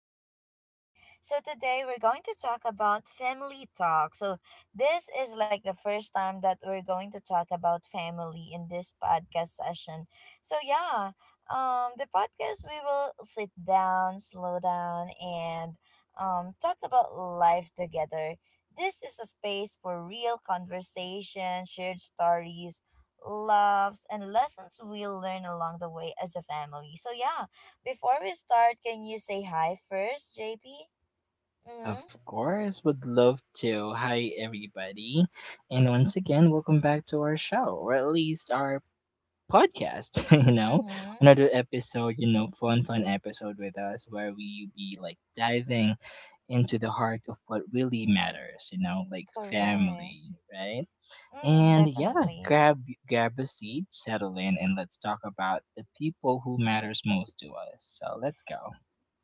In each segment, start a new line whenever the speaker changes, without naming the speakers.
with JP. So today we're going to talk about family talk. So this is like the first time that we're going to talk about family in this podcast session. So yeah, the podcast, we will sit down, slow down and talk about life together. This is a space for real conversation, shared stories, loves, and lessons we'll learn along the way as a family. So, yeah, before we start, can you say hi first, JP? Mm hmm.
Of course, would love to. Hi, everybody. And once again, welcome back to our show, or at least our podcast. you know,
Mm hmm.
another episode, fun episode with us where we be like diving into the heart of what really matters, like
Correct.
family, right?
Mm,
And yeah,
definitely.
grab grab a seat, settle in, and let's talk about the people who matters most to us. So let's go.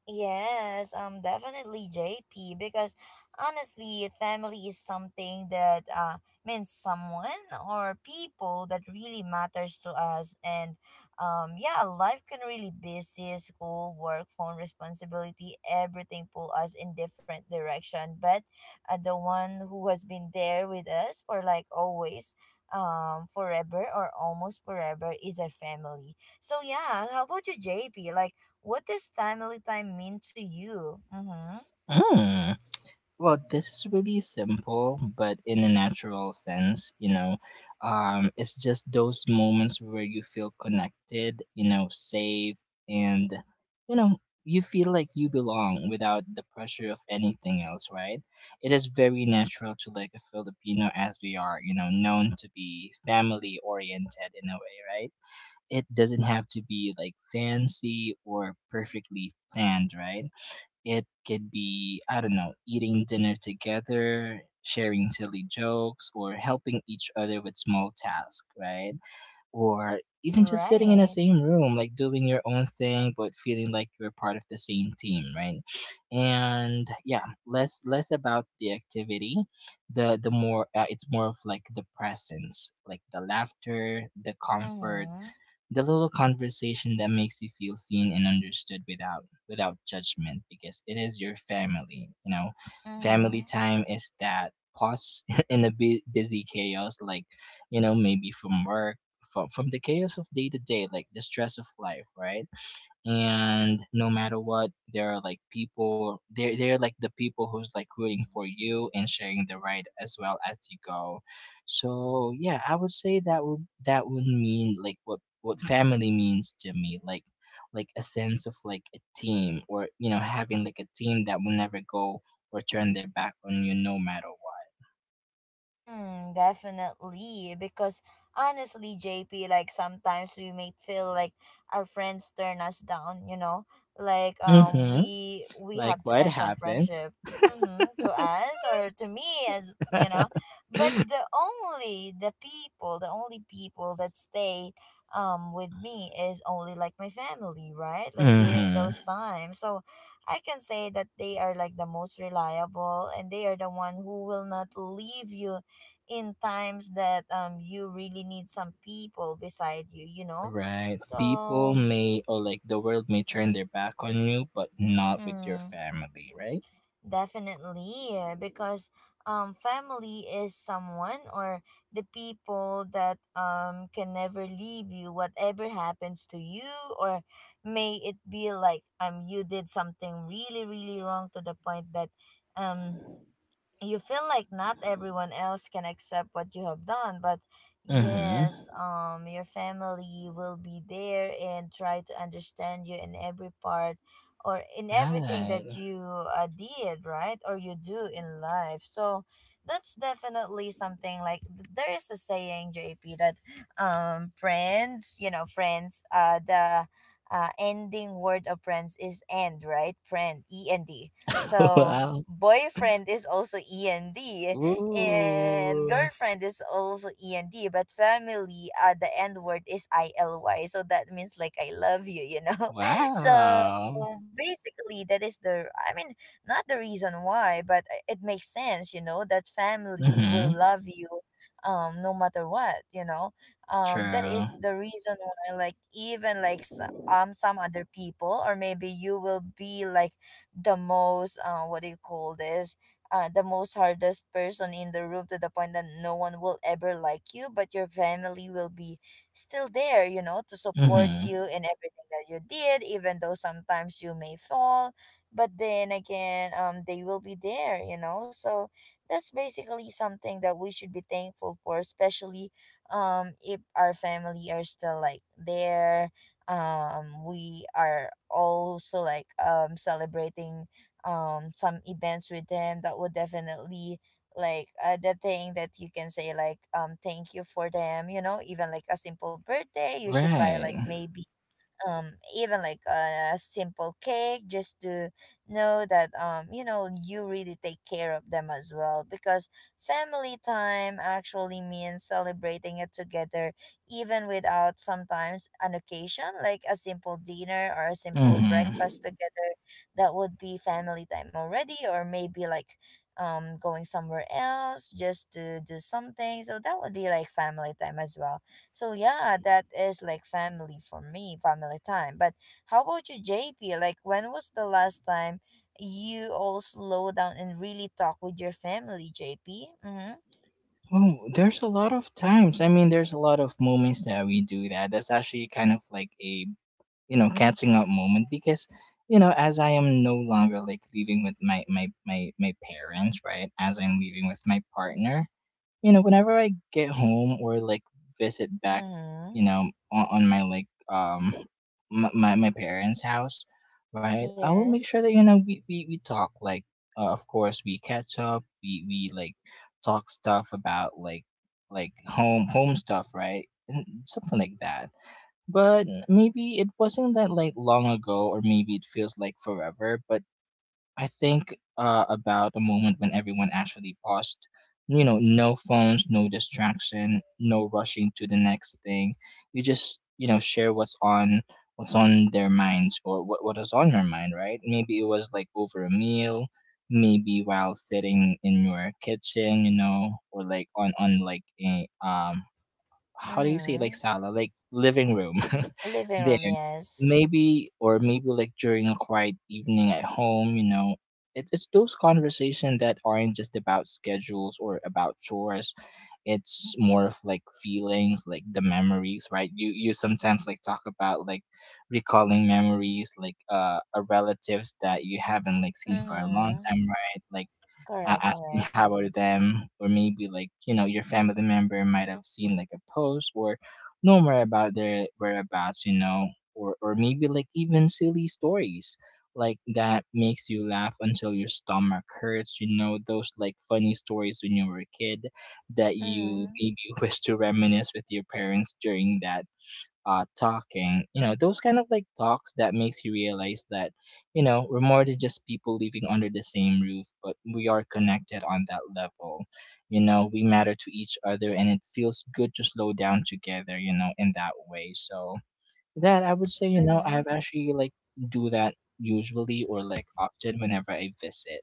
Yes, definitely, JP, because honestly, family is something that means someone or people that really matters to us, and yeah, life can really busy, school, work, phone responsibility, everything pull us in different direction. But the one who has been there with us for like always, forever or almost forever, is our family. So yeah, how about you, JP? Like what does family time mean to you? Mm-hmm.
Mm. Well, this is really simple, but in a natural sense, it's just those moments where you feel connected, safe, and, you know, you feel like you belong without the pressure of anything else, right? It is very natural to like a Filipino as we are, known to be family oriented in a way, right? It doesn't have to be like fancy or perfectly planned, right? It could be, I don't know, eating dinner together, sharing silly jokes, or helping each other with small tasks, right? Or even just sitting in the
Right.
same room, like doing your own thing, but feeling like you're part of the same team, right? And yeah, less about the activity, the more it's more of like the presence, like the laughter, the comfort,
Mm-hmm.
the little conversation that makes you feel seen and understood without judgment, because it is your family.
Mm-hmm.
Family time is that pause in the busy chaos, like maybe from work, from the chaos of day to day, like the stress of life, right. And no matter what, there are like people, they're like the people who's like rooting for you and sharing the ride as well as you go. So yeah, I would say that would mean, like, what family means to me, like a sense of like a team, or having like a team that will never go or turn their back on you, no matter what.
Mm, definitely. Because honestly, JP, like sometimes we may feel like our friends turn us down, you know? Like
Mm-hmm.
we
Like
have to
what
end some
happened.
friendship. Mm-hmm, to us or to me, as you know. But the only people that stay with me is only like my family, right? Like during
Mm-hmm.
those times. So I can say that they are like the most reliable, and they are the one who will not leave you in times that you really need some people beside you, you know?
Right. People
So,
may, or like the world may turn their back on you, but not with your
mm,
family, right?
definitely, because family is someone or the people that can never leave you whatever happens to you, or may it be like you did something really really wrong to the point that um you feel like not everyone else can accept what you have done. But
Mm-hmm.
yes, your family will be there and try to understand you in every part or in everything
Right.
that you did right or you do in life. So that's definitely something. Like, there is a saying, JP, that friends you know friends the ending word of friends is end, right? Friend, end. So
Wow.
boyfriend is also end, and
Ooh.
girlfriend is also end, but family, the N word is ILY, so that means like I love you you know So
Wow.
basically that is the I mean, not the reason why, but it makes sense, you know, that family will
Mm-hmm.
love you no matter what.
True.
That is
Mm-hmm.
the reason why, like, even like some other people, or maybe you will be like the most what do you call this, the most hardest person in the room, to the point that no one will ever like you, but your family will be still there, to support you in everything that you did, even though sometimes you may fall, but then again, they will be there, so that's basically something that we should be thankful for, especially if our family are still like there. We are also like celebrating some events with them that would definitely, like, the thing that you can say, like, thank you for them, even like a simple birthday. You should buy like,
Right.
maybe, even like a simple cake, just to know that you really take care of them as well. Because family time actually means celebrating it together, even without sometimes an occasion, like a simple dinner or a simple breakfast
Mm-hmm.
together. That would be family time already, or maybe like going somewhere else just to do something. So that would be like family time as well. So yeah, that is like family for me, family time. But how about you, JP? Like when was the last time you all slow down and really talk with your family, JP? Mm-hmm.
Oh, there's a lot of times. I mean, there's a lot of moments that we do that. That's actually kind of like a catching up moment, because as I am no longer like living with my parents, right, as I'm living with my partner. Whenever I get home, or like visit back,
Mm-hmm.
on my like my parents house, right, I will make sure
Yes.
that we talk, like, of course, we catch up, we like talk stuff about, like home stuff, right, and something like that. But maybe it wasn't that like long ago, or maybe it feels like forever. But I think, about a moment when everyone actually paused. No phones, no distraction, no rushing to the next thing. You just share what's on their minds, or what is on your mind, right? Maybe it was like over a meal, maybe while sitting in your kitchen, or like on like a, how do you say, like
Mm-hmm.
sala, like living room
Living room,
there,
yes.
maybe, or maybe like during a quiet evening at home. It's those conversations that aren't just about schedules or about chores, it's more of like feelings, like the memories, right. You sometimes like talk about, like, recalling memories, like relatives that you haven't like seen for a long
Mm-hmm.
time, right, like,
Correct,
asking
correct.
how are them, or maybe like, your family member might have seen like a post, or know more about their whereabouts. Or maybe like even silly stories, like that makes you laugh until your stomach hurts, those like funny stories when you were a kid that you
Mm-hmm.
maybe wish to reminisce with your parents during that, talking, those kind of like talks that makes you realize that we're more than just people living under the same roof, but we are connected on that level. We matter to each other, and it feels good to slow down together, in that way, so that, I would say, I've
Mm-hmm.
actually like do that usually, or like often, whenever I visit.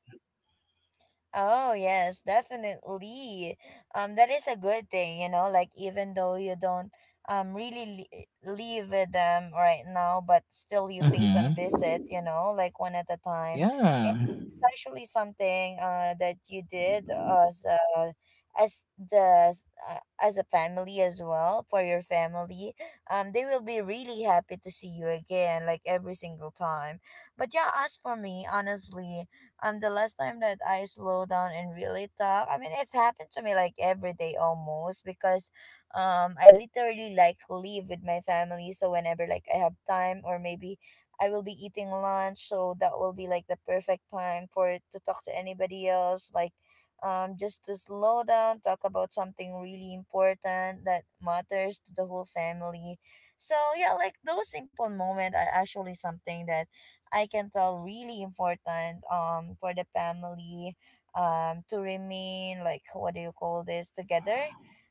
Oh yes, definitely. That is a good thing, you know. Like, even though you don't really live with them right now, but still you pay some
Mm-hmm.
visit, you know, like one at a time,
Yeah.
it's actually something, that you did, as a, as the as a family as well, for your family. They will be really happy to see you again, like every single time. But yeah, as for me, honestly, the last time that I slow down and really talk, I mean, it's happened to me like every day almost, because I literally like live with my family. So whenever like I have time, or maybe I will be eating lunch, so that will be like the perfect time for it to talk to anybody else. Like, just to slow down, talk about something really important that matters to the whole family. So yeah, like those simple moments are actually something that I can tell really important for the family, to remain like, what do you call this, together.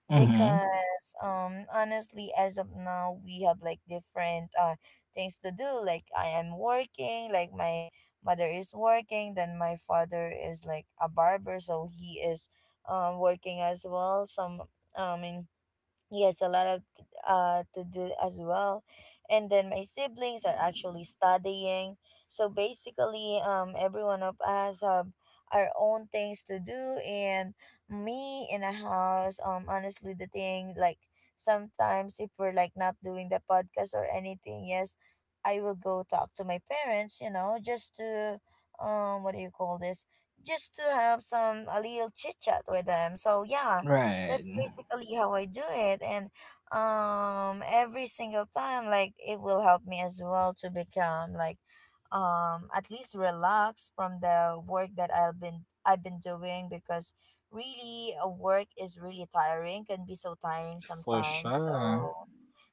Mm-hmm.
Because honestly, as of now, we have like different things to do. Like, I am working, like my mother is working, then my father is like a barber, so he is working as well. Some, I mean, yes, a lot of, to do as well. And then my siblings are actually studying. So basically, everyone of us have our own things to do, and me in a house, honestly, the thing, like, sometimes if we're like not doing the podcast or anything, yes, I will go talk to my parents, you know, just to, what do you call this? Just to have some a little chit chat with them. So yeah,
Right.
that's basically how I do it. And every single time, like, it will help me as well to become like, at least relaxed from the work that I've been doing. Because really, a work is really tiring, can be so tiring
For
sometimes.
sure.
So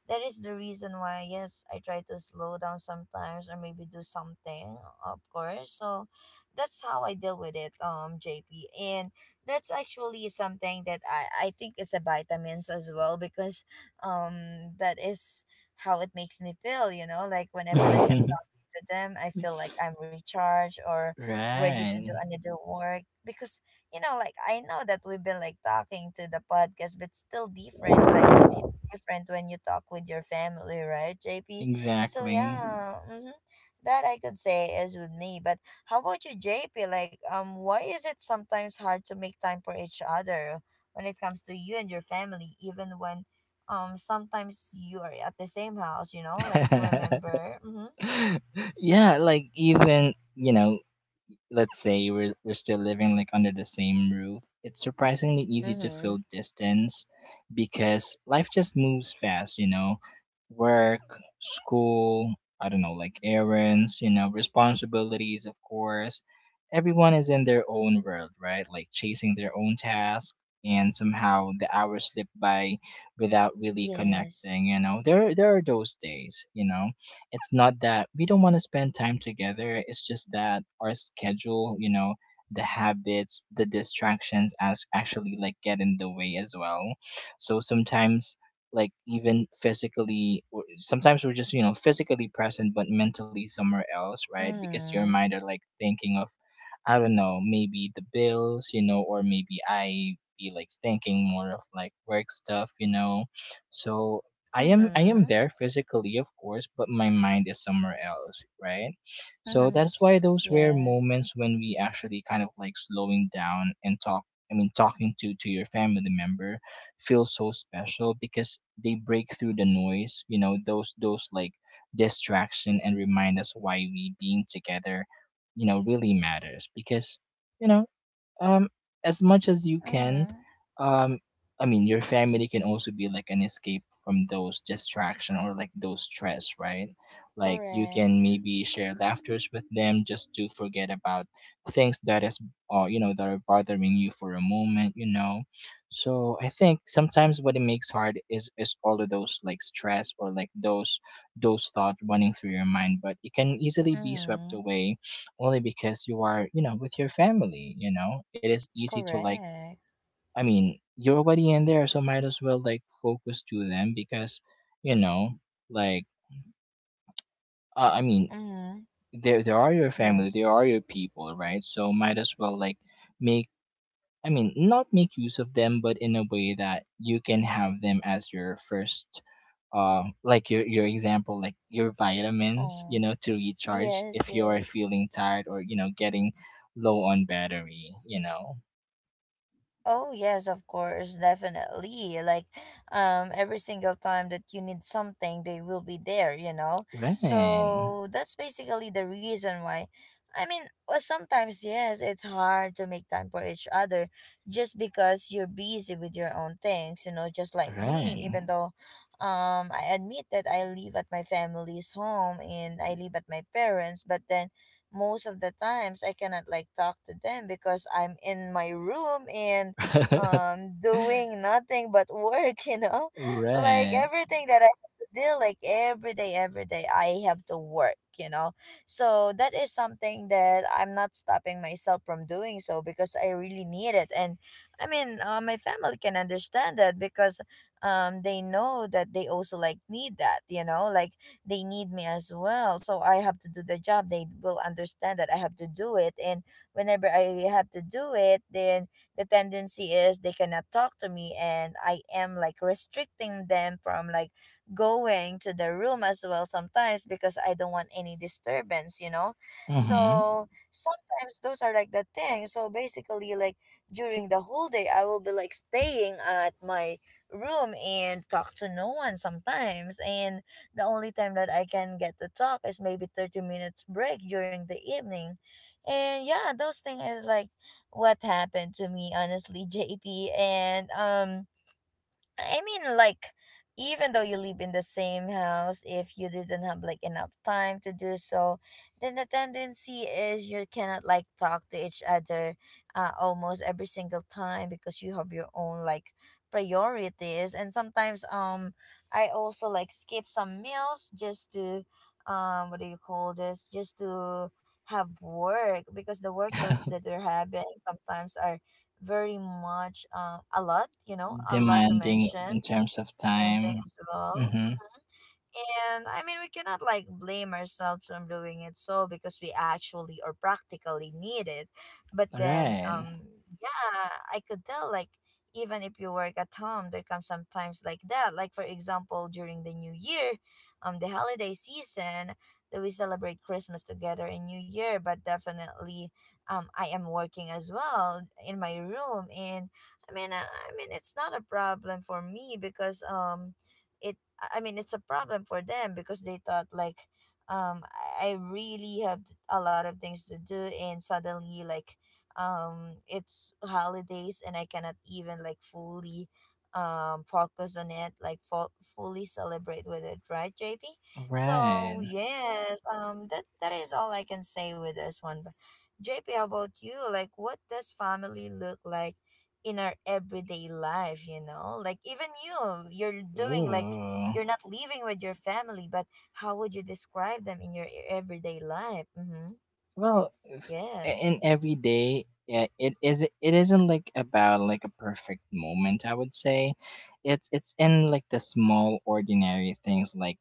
that is the reason why, yes, I try to slow down sometimes, or maybe do something, of course. So that's how I deal with it, JP. And that's actually something that I think, it's a vitamins as well, because that is how it makes me feel, you know, like whenever like I'm talking to them, I feel like I'm recharged, or ready to do
Right.
another work. Because, like I know that we've been like talking to the podcast, but still different. Like it hits different when you talk with your family, right, JP? So
Exactly.
yeah, mm-hmm, that I could say is with me. But how about you, JP? Like, why is it sometimes hard to make time for each other when it comes to you and your family, even when, sometimes you are at the same house. You know, like, remember. Mm-hmm.
Yeah, like even, let's say we're still living like under the same roof, it's surprisingly easy to
Mm-hmm.
feel distance, because life just moves fast, work, school, I don't know, like errands, responsibilities, of course. Everyone is in their own world, right, like chasing their own task, and somehow the hours slip by without really connecting.
Yes.
There are those days. It's not that we don't want to spend time together, it's just that our schedule, the habits, the distractions as actually like get in the way as well. So sometimes, like even physically, sometimes we're just, physically present but mentally somewhere else, right, because your
Mm-hmm.
mind are like thinking of, I don't know, maybe the bills, or maybe I be like thinking more of like work stuff. So I am
Mm-hmm.
there physically, of course, but my mind is somewhere else, right? So that's why those rare
Yes.
moments when we actually kind of like slowing down and talk, I mean talking to your family member, feels so special, because they break through the noise, those like distraction, and remind us why we being together, really matters. Because, you know, um as much as you can,
Mm-hmm.
um I mean, your family can also be like an escape from those distraction or like those stress, right? Like you can
Correct.
maybe share laughters with them, just to forget about things that is, that are bothering you for a moment. So I think sometimes what it makes hard is all of those like stress, or like those thoughts running through your mind, but it can easily be swept
Mm-hmm.
away, only because you are, with your family. It is easy to, like,
Correct.
I mean, you're already in there, so might as well like focus to them, because you know, like, I mean,
Mm-hmm.
they are your family, they
Yes.
are your people, right? So might as well like make, I mean, not make use of them, but in a way that you can have them as your first, like your example, like your vitamins,
Oh,
to recharge
yes,
if you are
yes.
feeling tired, or getting low on battery,
Oh yes, of course, definitely. Like, every single time that you need something, they will be there. You know,
right,
so that's basically the reason why. I mean, well, sometimes yes, it's hard to make time for each other, just because you're busy with your own things. You know, just like me,
right.
even though, I admit that I live at my family's home and I live at my parents, but then most of the times I cannot like talk to them, because I'm in my room and doing nothing but work, you know? Like
Right.
everything that I have to do like every day I have to work, So that is something that I'm not stopping myself from doing so, because I really need it. And I mean, my family can understand that, because they know that they also like need that, like they need me as well, so I have to do the job. They will understand that I have to do it, and whenever I have to do it, then the tendency is they cannot talk to me, and I am like restricting them from like going to the room as well sometimes, because I don't want any disturbance,
Mm-hmm.
so sometimes those are like the thing. So basically, like during the whole day I will be like staying at my room and talk to no one sometimes. And the only time that I can get to talk is maybe 30 minutes break during the evening. And yeah, those things is like what happened to me honestly, JP. And I mean, like, even though you live in the same house, if you didn't have like enough time to do so, then the tendency is you cannot like talk to each other almost every single time because you have your own like priorities. And sometimes, I also like skip some meals just to, what do you call this? Just to have work because the workloads that we're having sometimes are very much, a lot, a lot to
Demanding
mention,
in terms of
and ending
time.
as well.
Mm-hmm.
And I mean, we cannot like blame ourselves from doing it so because we actually or practically need it. But then,
Right.
um, yeah, I could tell like even if you work at home, there comes sometimes like that. Like for example, during the New Year, the holiday season that we celebrate Christmas together and New Year. But definitely, I am working as well in my room, and I mean, it's not a problem for me because it I mean it's a problem for them because they thought like um I really have a lot of things to do and suddenly like it's holidays and I cannot even like fully focus on it like fully celebrate with it, right, JP? So
Right.
yes, that is all I can say with this one. But JP, how about you? Like, what does family look like in our everyday life, you know? Like even you, you're doing like
Ooh.
you're not living with your family, but how would you describe them in your everyday life? Mm-hmm.
Well, if,
Yes.
in every day, yeah, it is. It isn't like about like a perfect moment. I would say it's in, like, the small ordinary things, like,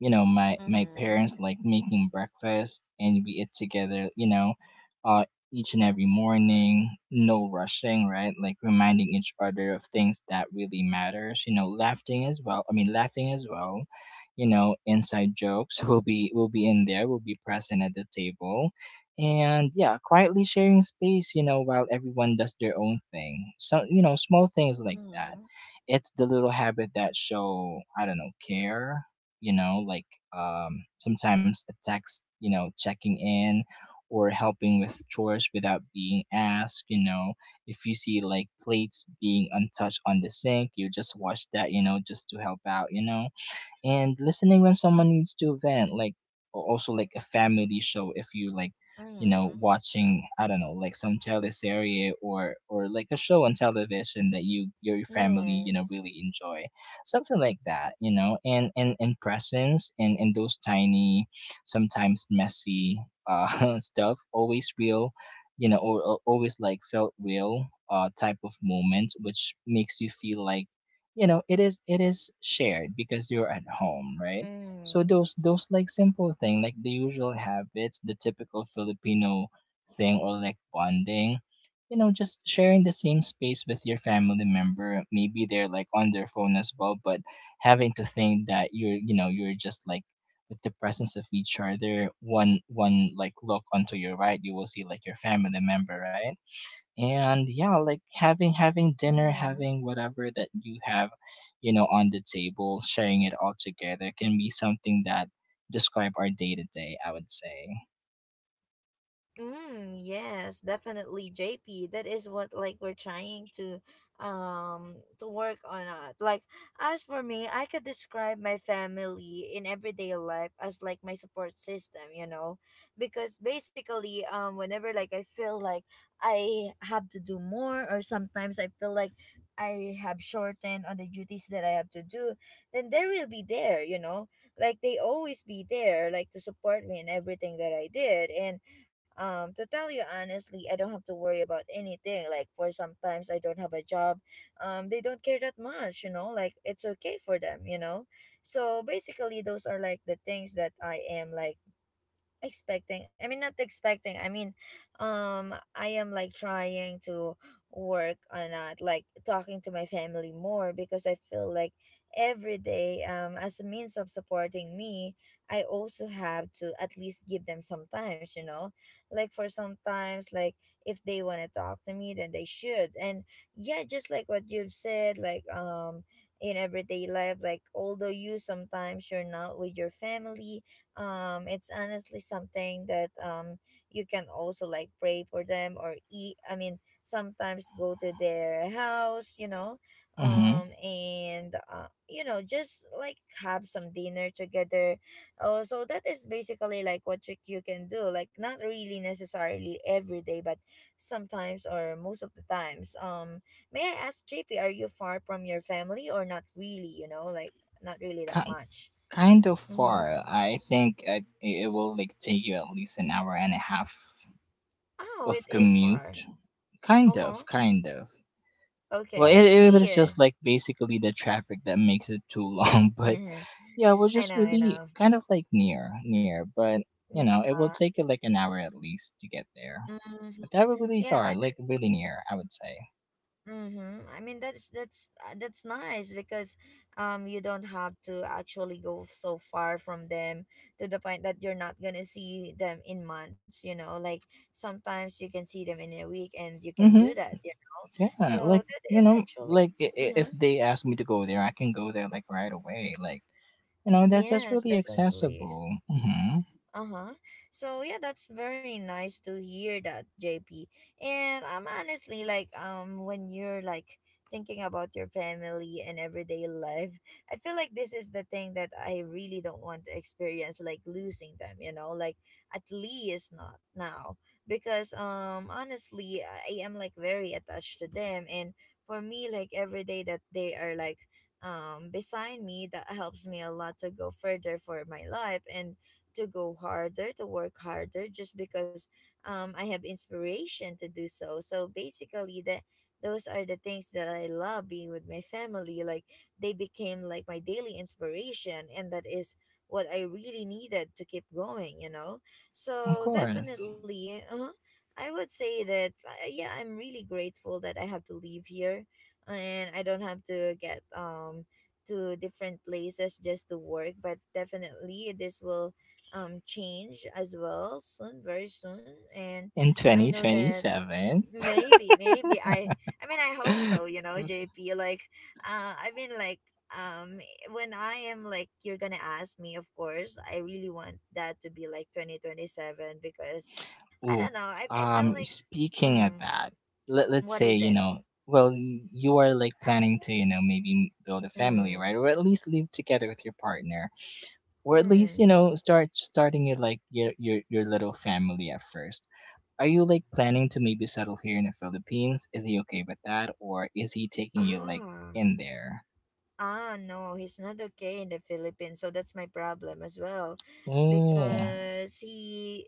my
Mm-hmm.
parents like making breakfast and we eat together. uh each and every morning, no rushing, right, like reminding each other of things that really matters, laughing as well, I mean laughing as well. Inside jokes will be in there, will be present at the table. And yeah, quietly sharing space, while everyone does their own thing, so, small things like that.
Mm-hmm.
It's the little habit that show, I don't know, care, like, sometimes a text, checking in, or helping with chores without being asked. If you see like plates being untouched on the sink, you just wash that, just to help out. And listening when someone needs to vent, like, also like a family show, if you like,
Mm-hmm.
watching, I don't know, like some teleserie or like a show on television that your family,
Yes.
really enjoy, something like that, and presence, and those tiny, sometimes messy, stuff, always real, or always like felt real, type of moment which makes you feel like, it is shared because you're at home, right. So
Mm-hmm.
those like simple thing, like the usual habits, the typical Filipino thing or like bonding, just sharing the same space with your family member, maybe they're like on their phone as well, but having to think that you're you know you're just like with the presence of each other, one like look onto your right, you will see like your family member, right. And yeah, like having Having dinner,
Mm-hmm.
having whatever that you have you know on the table, sharing it all together can be something that describe our day to day, I would say.
Mm, yes, definitely, JP. That is what like we're trying to work on it. Like as for me, I could describe my family in everyday life as like my support system, you know? Because basically, whenever like I feel like I have to do more or sometimes I feel like I have shortened on the duties that I have to do, then they will be there, you know? Like they always be there, like to support me in everything that I did. And to tell you honestly, I don't have to worry about anything. Like for sometimes I don't have a job, they don't care that much, you know, like it's okay for them, you know. So basically those are like the things that I am like expecting I mean not expecting. I am like trying to work on that, like talking to my family more because I feel like every day as a means of supporting me, I also have to at least give them sometimes, you know, like for sometimes like if they want to talk to me then they should. And yeah, just like what you've said, like in everyday life, like although you sometimes you're not with your family, it's honestly something that you can also like pray for them or eat I mean sometimes go to their house, you know.
Mm-hmm.
And you know, just like have some dinner together. Oh, so that is basically like what you can do, like not really necessarily every day but sometimes or most of the times. May I ask, JP, are you far from your family or not really, you know? Like not really that
Ki-
much.
Kind of
Mm-hmm.
far, I think, it will like take you at least an hour and a half
Oh, it
of
is far.
commute.
Uh
Kind
huh.
of, kind of. Well,
Okay, I
it
see
was
you.
just like basically the traffic that makes it too long, but yeah, we're
I
just
know, I
really
know.
kind of like near, near, but you know, it will
Yeah.
take like an hour at least to get there.
Hmm.
But that would really
Yeah.
far, like really near, I would say.
Mm-hmm. I mean, that's that's nice because you don't have to actually go so far from them to the point that you're not gonna see them in months. You know, like sometimes you can see them in a week, and you can
Mm-hmm.
do that. You know,
Yeah,
so
like
that
you
is
know,
actually.
like if
Mm-hmm.
they ask me to go there, I can go there like right away. Like you know, that's
Yes,
really
definitely.
accessible. Mm-hmm.
Uh-huh. So yeah, that's very nice to hear that, JP. And I'm honestly like when you're like thinking about your family and everyday life, I feel like this is the thing that I really don't want to experience, like losing them, you know, like at least not now. Because honestly I am like very attached to them, and for me like every day that they are like beside me, that helps me a lot to go further for my life and to go harder, to work harder, just because I have inspiration to do so. So basically, that those are the things that I love being with my family. Like they became like my daily inspiration, and that is what I really needed to keep going. You know,
Of
so
course,
definitely, I would say that yeah, I'm really grateful that I have to leave here, and I don't have to get to different places just to work. But definitely this will change as well soon, very soon. And
in
I
twenty
know
twenty
that
seven.
maybe I hope so, you know, JP. Like uh i mean like um when I am like you're gonna ask me, of course I really want that to be like 2027 because I don't
Ooh,
know, I feel like
speaking of
hmm,
that, let's
what
say,
is
you
it
know, well, you are like planning to, you know, maybe build a family,
hmm,
right? Or at least live together with your partner, or at least, you
hmm,
know, starting your like your little family at first. Are you like planning to maybe settle here in the Philippines? Is he okay with that, or is he taking you like
ah.
in there?
Ah, no, he's not okay in the Philippines, so that's my problem as well,
Oh,
because he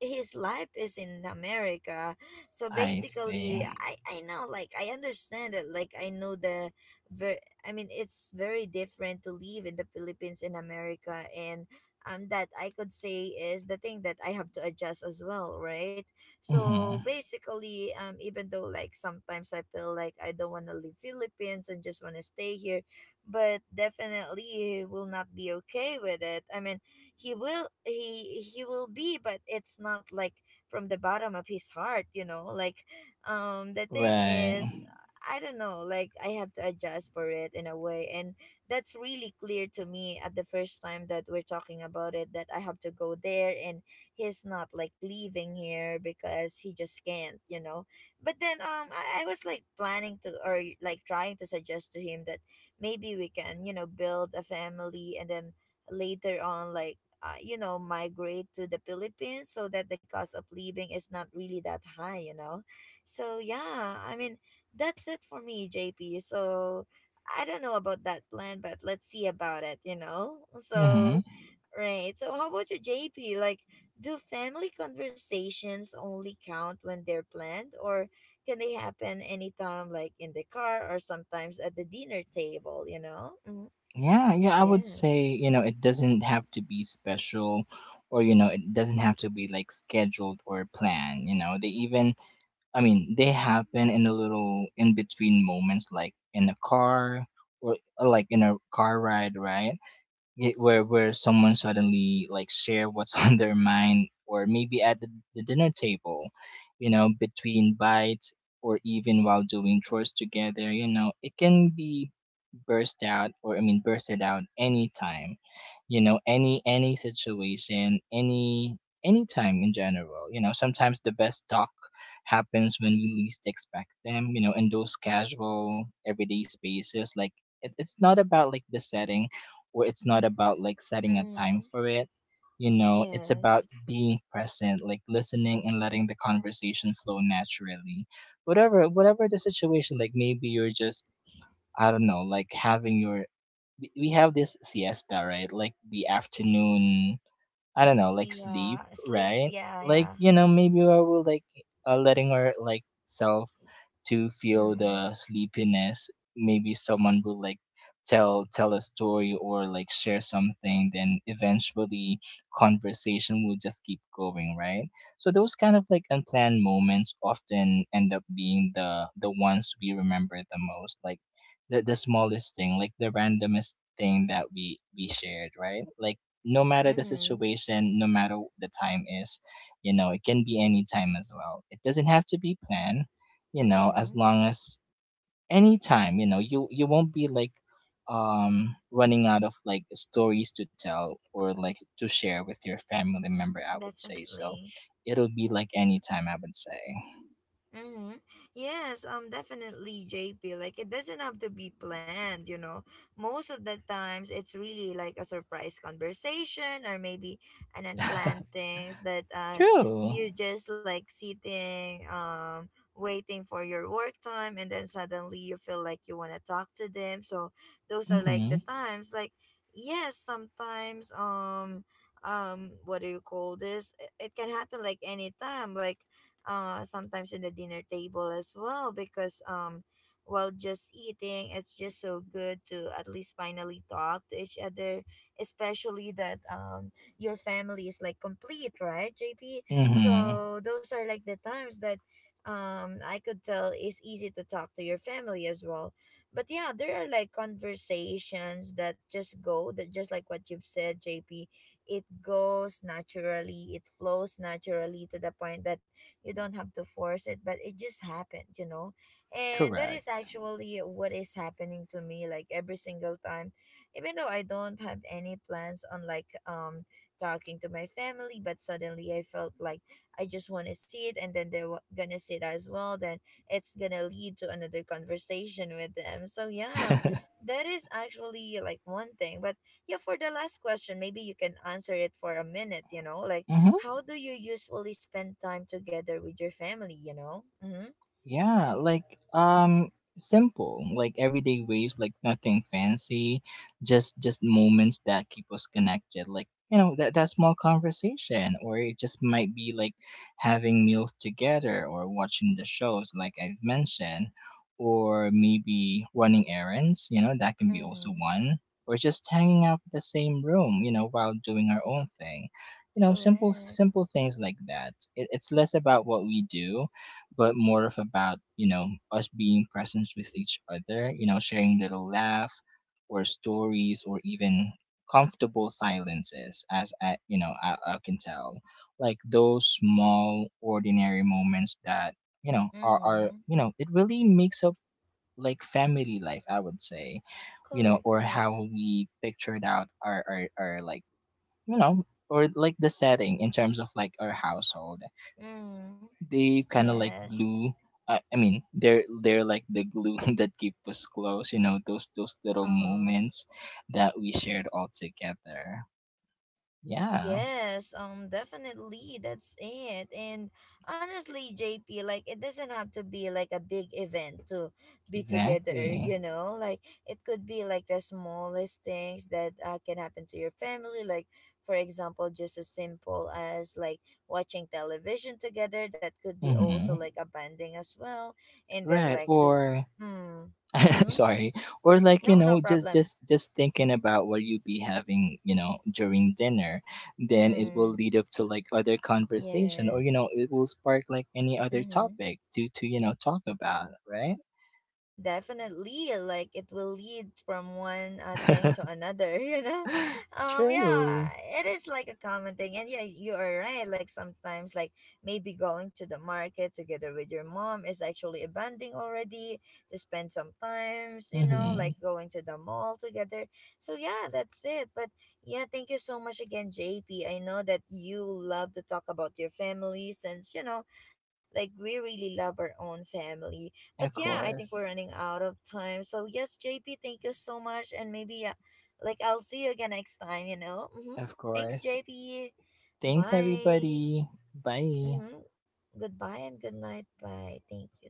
his life is in America. So
I
basically,
see.
I know, like I understand it, like I know the, it's very different to live in the Philippines in America, and that I could say is the thing that I have to adjust as well, right? So
Mm-hmm.
basically, even though like sometimes I feel like I don't want to leave Philippines and just want to stay here, but definitely he will not be okay with it. I mean, he will be, but it's not like from the bottom of his heart, you know. Like the thing is,
Right.
I don't know, like I had to adjust for it in a way, and that's really clear to me at the first time that we're talking about it, that I have to go there, and he's not like leaving here because he just can't, you know. But then, I was like planning to or like trying to suggest to him that maybe we can, you know, build a family and then later on like you know, migrate to the Philippines so that the cost of living is not really that high, you know. So yeah, I mean, that's it for me, JP. So I don't know about that plan, but let's see about it, you know.
Mm-hmm.
So right, so how about you, JP? Like, do family conversations only count when they're planned, or can they happen anytime, like in the car or sometimes at the dinner table, you know? Mm.
Yeah, yeah, I would
Yes.
say, you know, it doesn't have to be special or, you know, it doesn't have to be like scheduled or planned, you know. They even, I mean, they happen in a little in between moments, like in a car or like in a car ride, right? Where someone suddenly like share what's on their mind, or maybe at the dinner table, you know, between bites, or even while doing chores together. You know, it can be burst out, or I mean, bursted out anytime, you know, any situation, any anytime in general. You know, sometimes the best talk happens when we least expect them, you know, in those casual everyday spaces. Like it's not about like the setting, where it's not about like setting a time
Mm.
for it. You know, it's about
Yes.
being present, like listening and letting the conversation flow naturally. Whatever the situation, like maybe you're just, I don't know, like having your, we have this siesta, right? Like the afternoon, I don't know, like sleep,
Yeah, sleep,
right?
yeah,
Like,
yeah.
you know, maybe I will like, letting our like self to feel
Mm.
the sleepiness. Maybe someone will like tell a story or like share something, then eventually conversation will just keep going, right? So those kind of like unplanned moments often end up being the ones we remember the most, like the smallest thing, like the randomest thing that we shared, right? Like no matter the
Mm-hmm.
situation, no matter the time is, you know, it can be any time as well. It doesn't have to be planned, you know, as
Mm-hmm.
long as any time, you know, you won't be like running out of like stories to tell or like to share with your family member, I would say. So
Definitely.
it'll be like any time, I would say.
Mm-hmm. Yes, definitely, JP. Like, it doesn't have to be planned, you know. Most of the times, it's really like a surprise conversation or maybe an unplanned things that you
True.
just like sitting, waiting for your work time, and then suddenly you feel like you want to talk to them. So, those are like the
Mhm.
times. Like, yes, sometimes, what do you call this? It can happen like anytime. Like, sometimes in the dinner table as well because while just eating, it's just so good to at least finally talk to each other, especially that your family is like complete, right, JP?
Mhm.
So those are like the times that I could tell it's easy to talk to your family as well. But yeah, there are like conversations that just that just like what you've said, JP, it goes naturally, it flows naturally to the point that you don't have to force it but it just happened, you know. And that is
Correct.
actually what is happening to me like every single time. Even though I don't have any plans on like talking to my family, but suddenly I felt like I just want to see it and then they're gonna see it as well, then it's gonna lead to another conversation with them. So yeah, that is actually like one thing. But yeah, for the last question, maybe you can answer it for a minute, you know. Like,
Mhm.
how do you usually spend time together with your family, you know? Mm-hmm.
Yeah, like simple, like everyday ways, like nothing fancy, just moments that keep us connected. Like, you know, that small conversation, or it just might be like having meals together or watching the shows like I've mentioned, or maybe running errands, you know, that can be also
Mm-hmm.
one, or just hanging out in the same room, you know, while doing our own thing. You know,
Correct.
simple things like that. It's less about what we do, but more of about, you know, us being present with each other, you know, sharing little laugh or stories or even comfortable silences. As I you know I can tell, like those small ordinary moments that you know are,
Mm-hmm.
you know, it really makes up like family life, I would say, you know,
Correct,
or
correct.
how we pictured out our like, you know, or like the setting in terms of like our household,
Mm-hmm.
they kind of like
Yes.
glue. I mean, they're like the glue that keep us close. You know, those little
Uh-huh.
moments that we shared all together. Yeah,
Yes, definitely. That's it. And honestly, JP, like it doesn't have to be like a big event to be together,
exactly.
you know? Like it could be like the smallest things that can happen to your family. Like, for example, just as simple as like watching television together. That could be also
Mm-hmm.
like a bonding as well. And then
Right. Or
mm, mm-hmm.
sorry. Or like you
No, no
know,
problem.
just thinking about what you be having, you know, during dinner, then it will
Mm,
lead up to like other conversation, or you know,
yes.
it will spark like any other
Mm-hmm.
topic to you know talk about, right?
Definitely, like it will lead from one thing to another you know. Yeah,
True.
it is like a common thing. And yeah, you are right, like sometimes like maybe going to the market together with your mom is actually a bonding already, to spend some times, you know,
Hmm.
like going to the mall together. So yeah, that's it. But yeah, thank you so much again, JP. I know that you love to talk about your family since, you know, like we really love our own family. But
Of
yeah, I think we're
course.
running out of time. So yes, JP, thank you so much, and maybe like I'll see you again next time. You know. Mm-hmm.
Of
Thanks,
course.
JP.
Thanks,
Bye.
everybody. Bye.
Mm-hmm. Goodbye and good night. Bye. Thank you.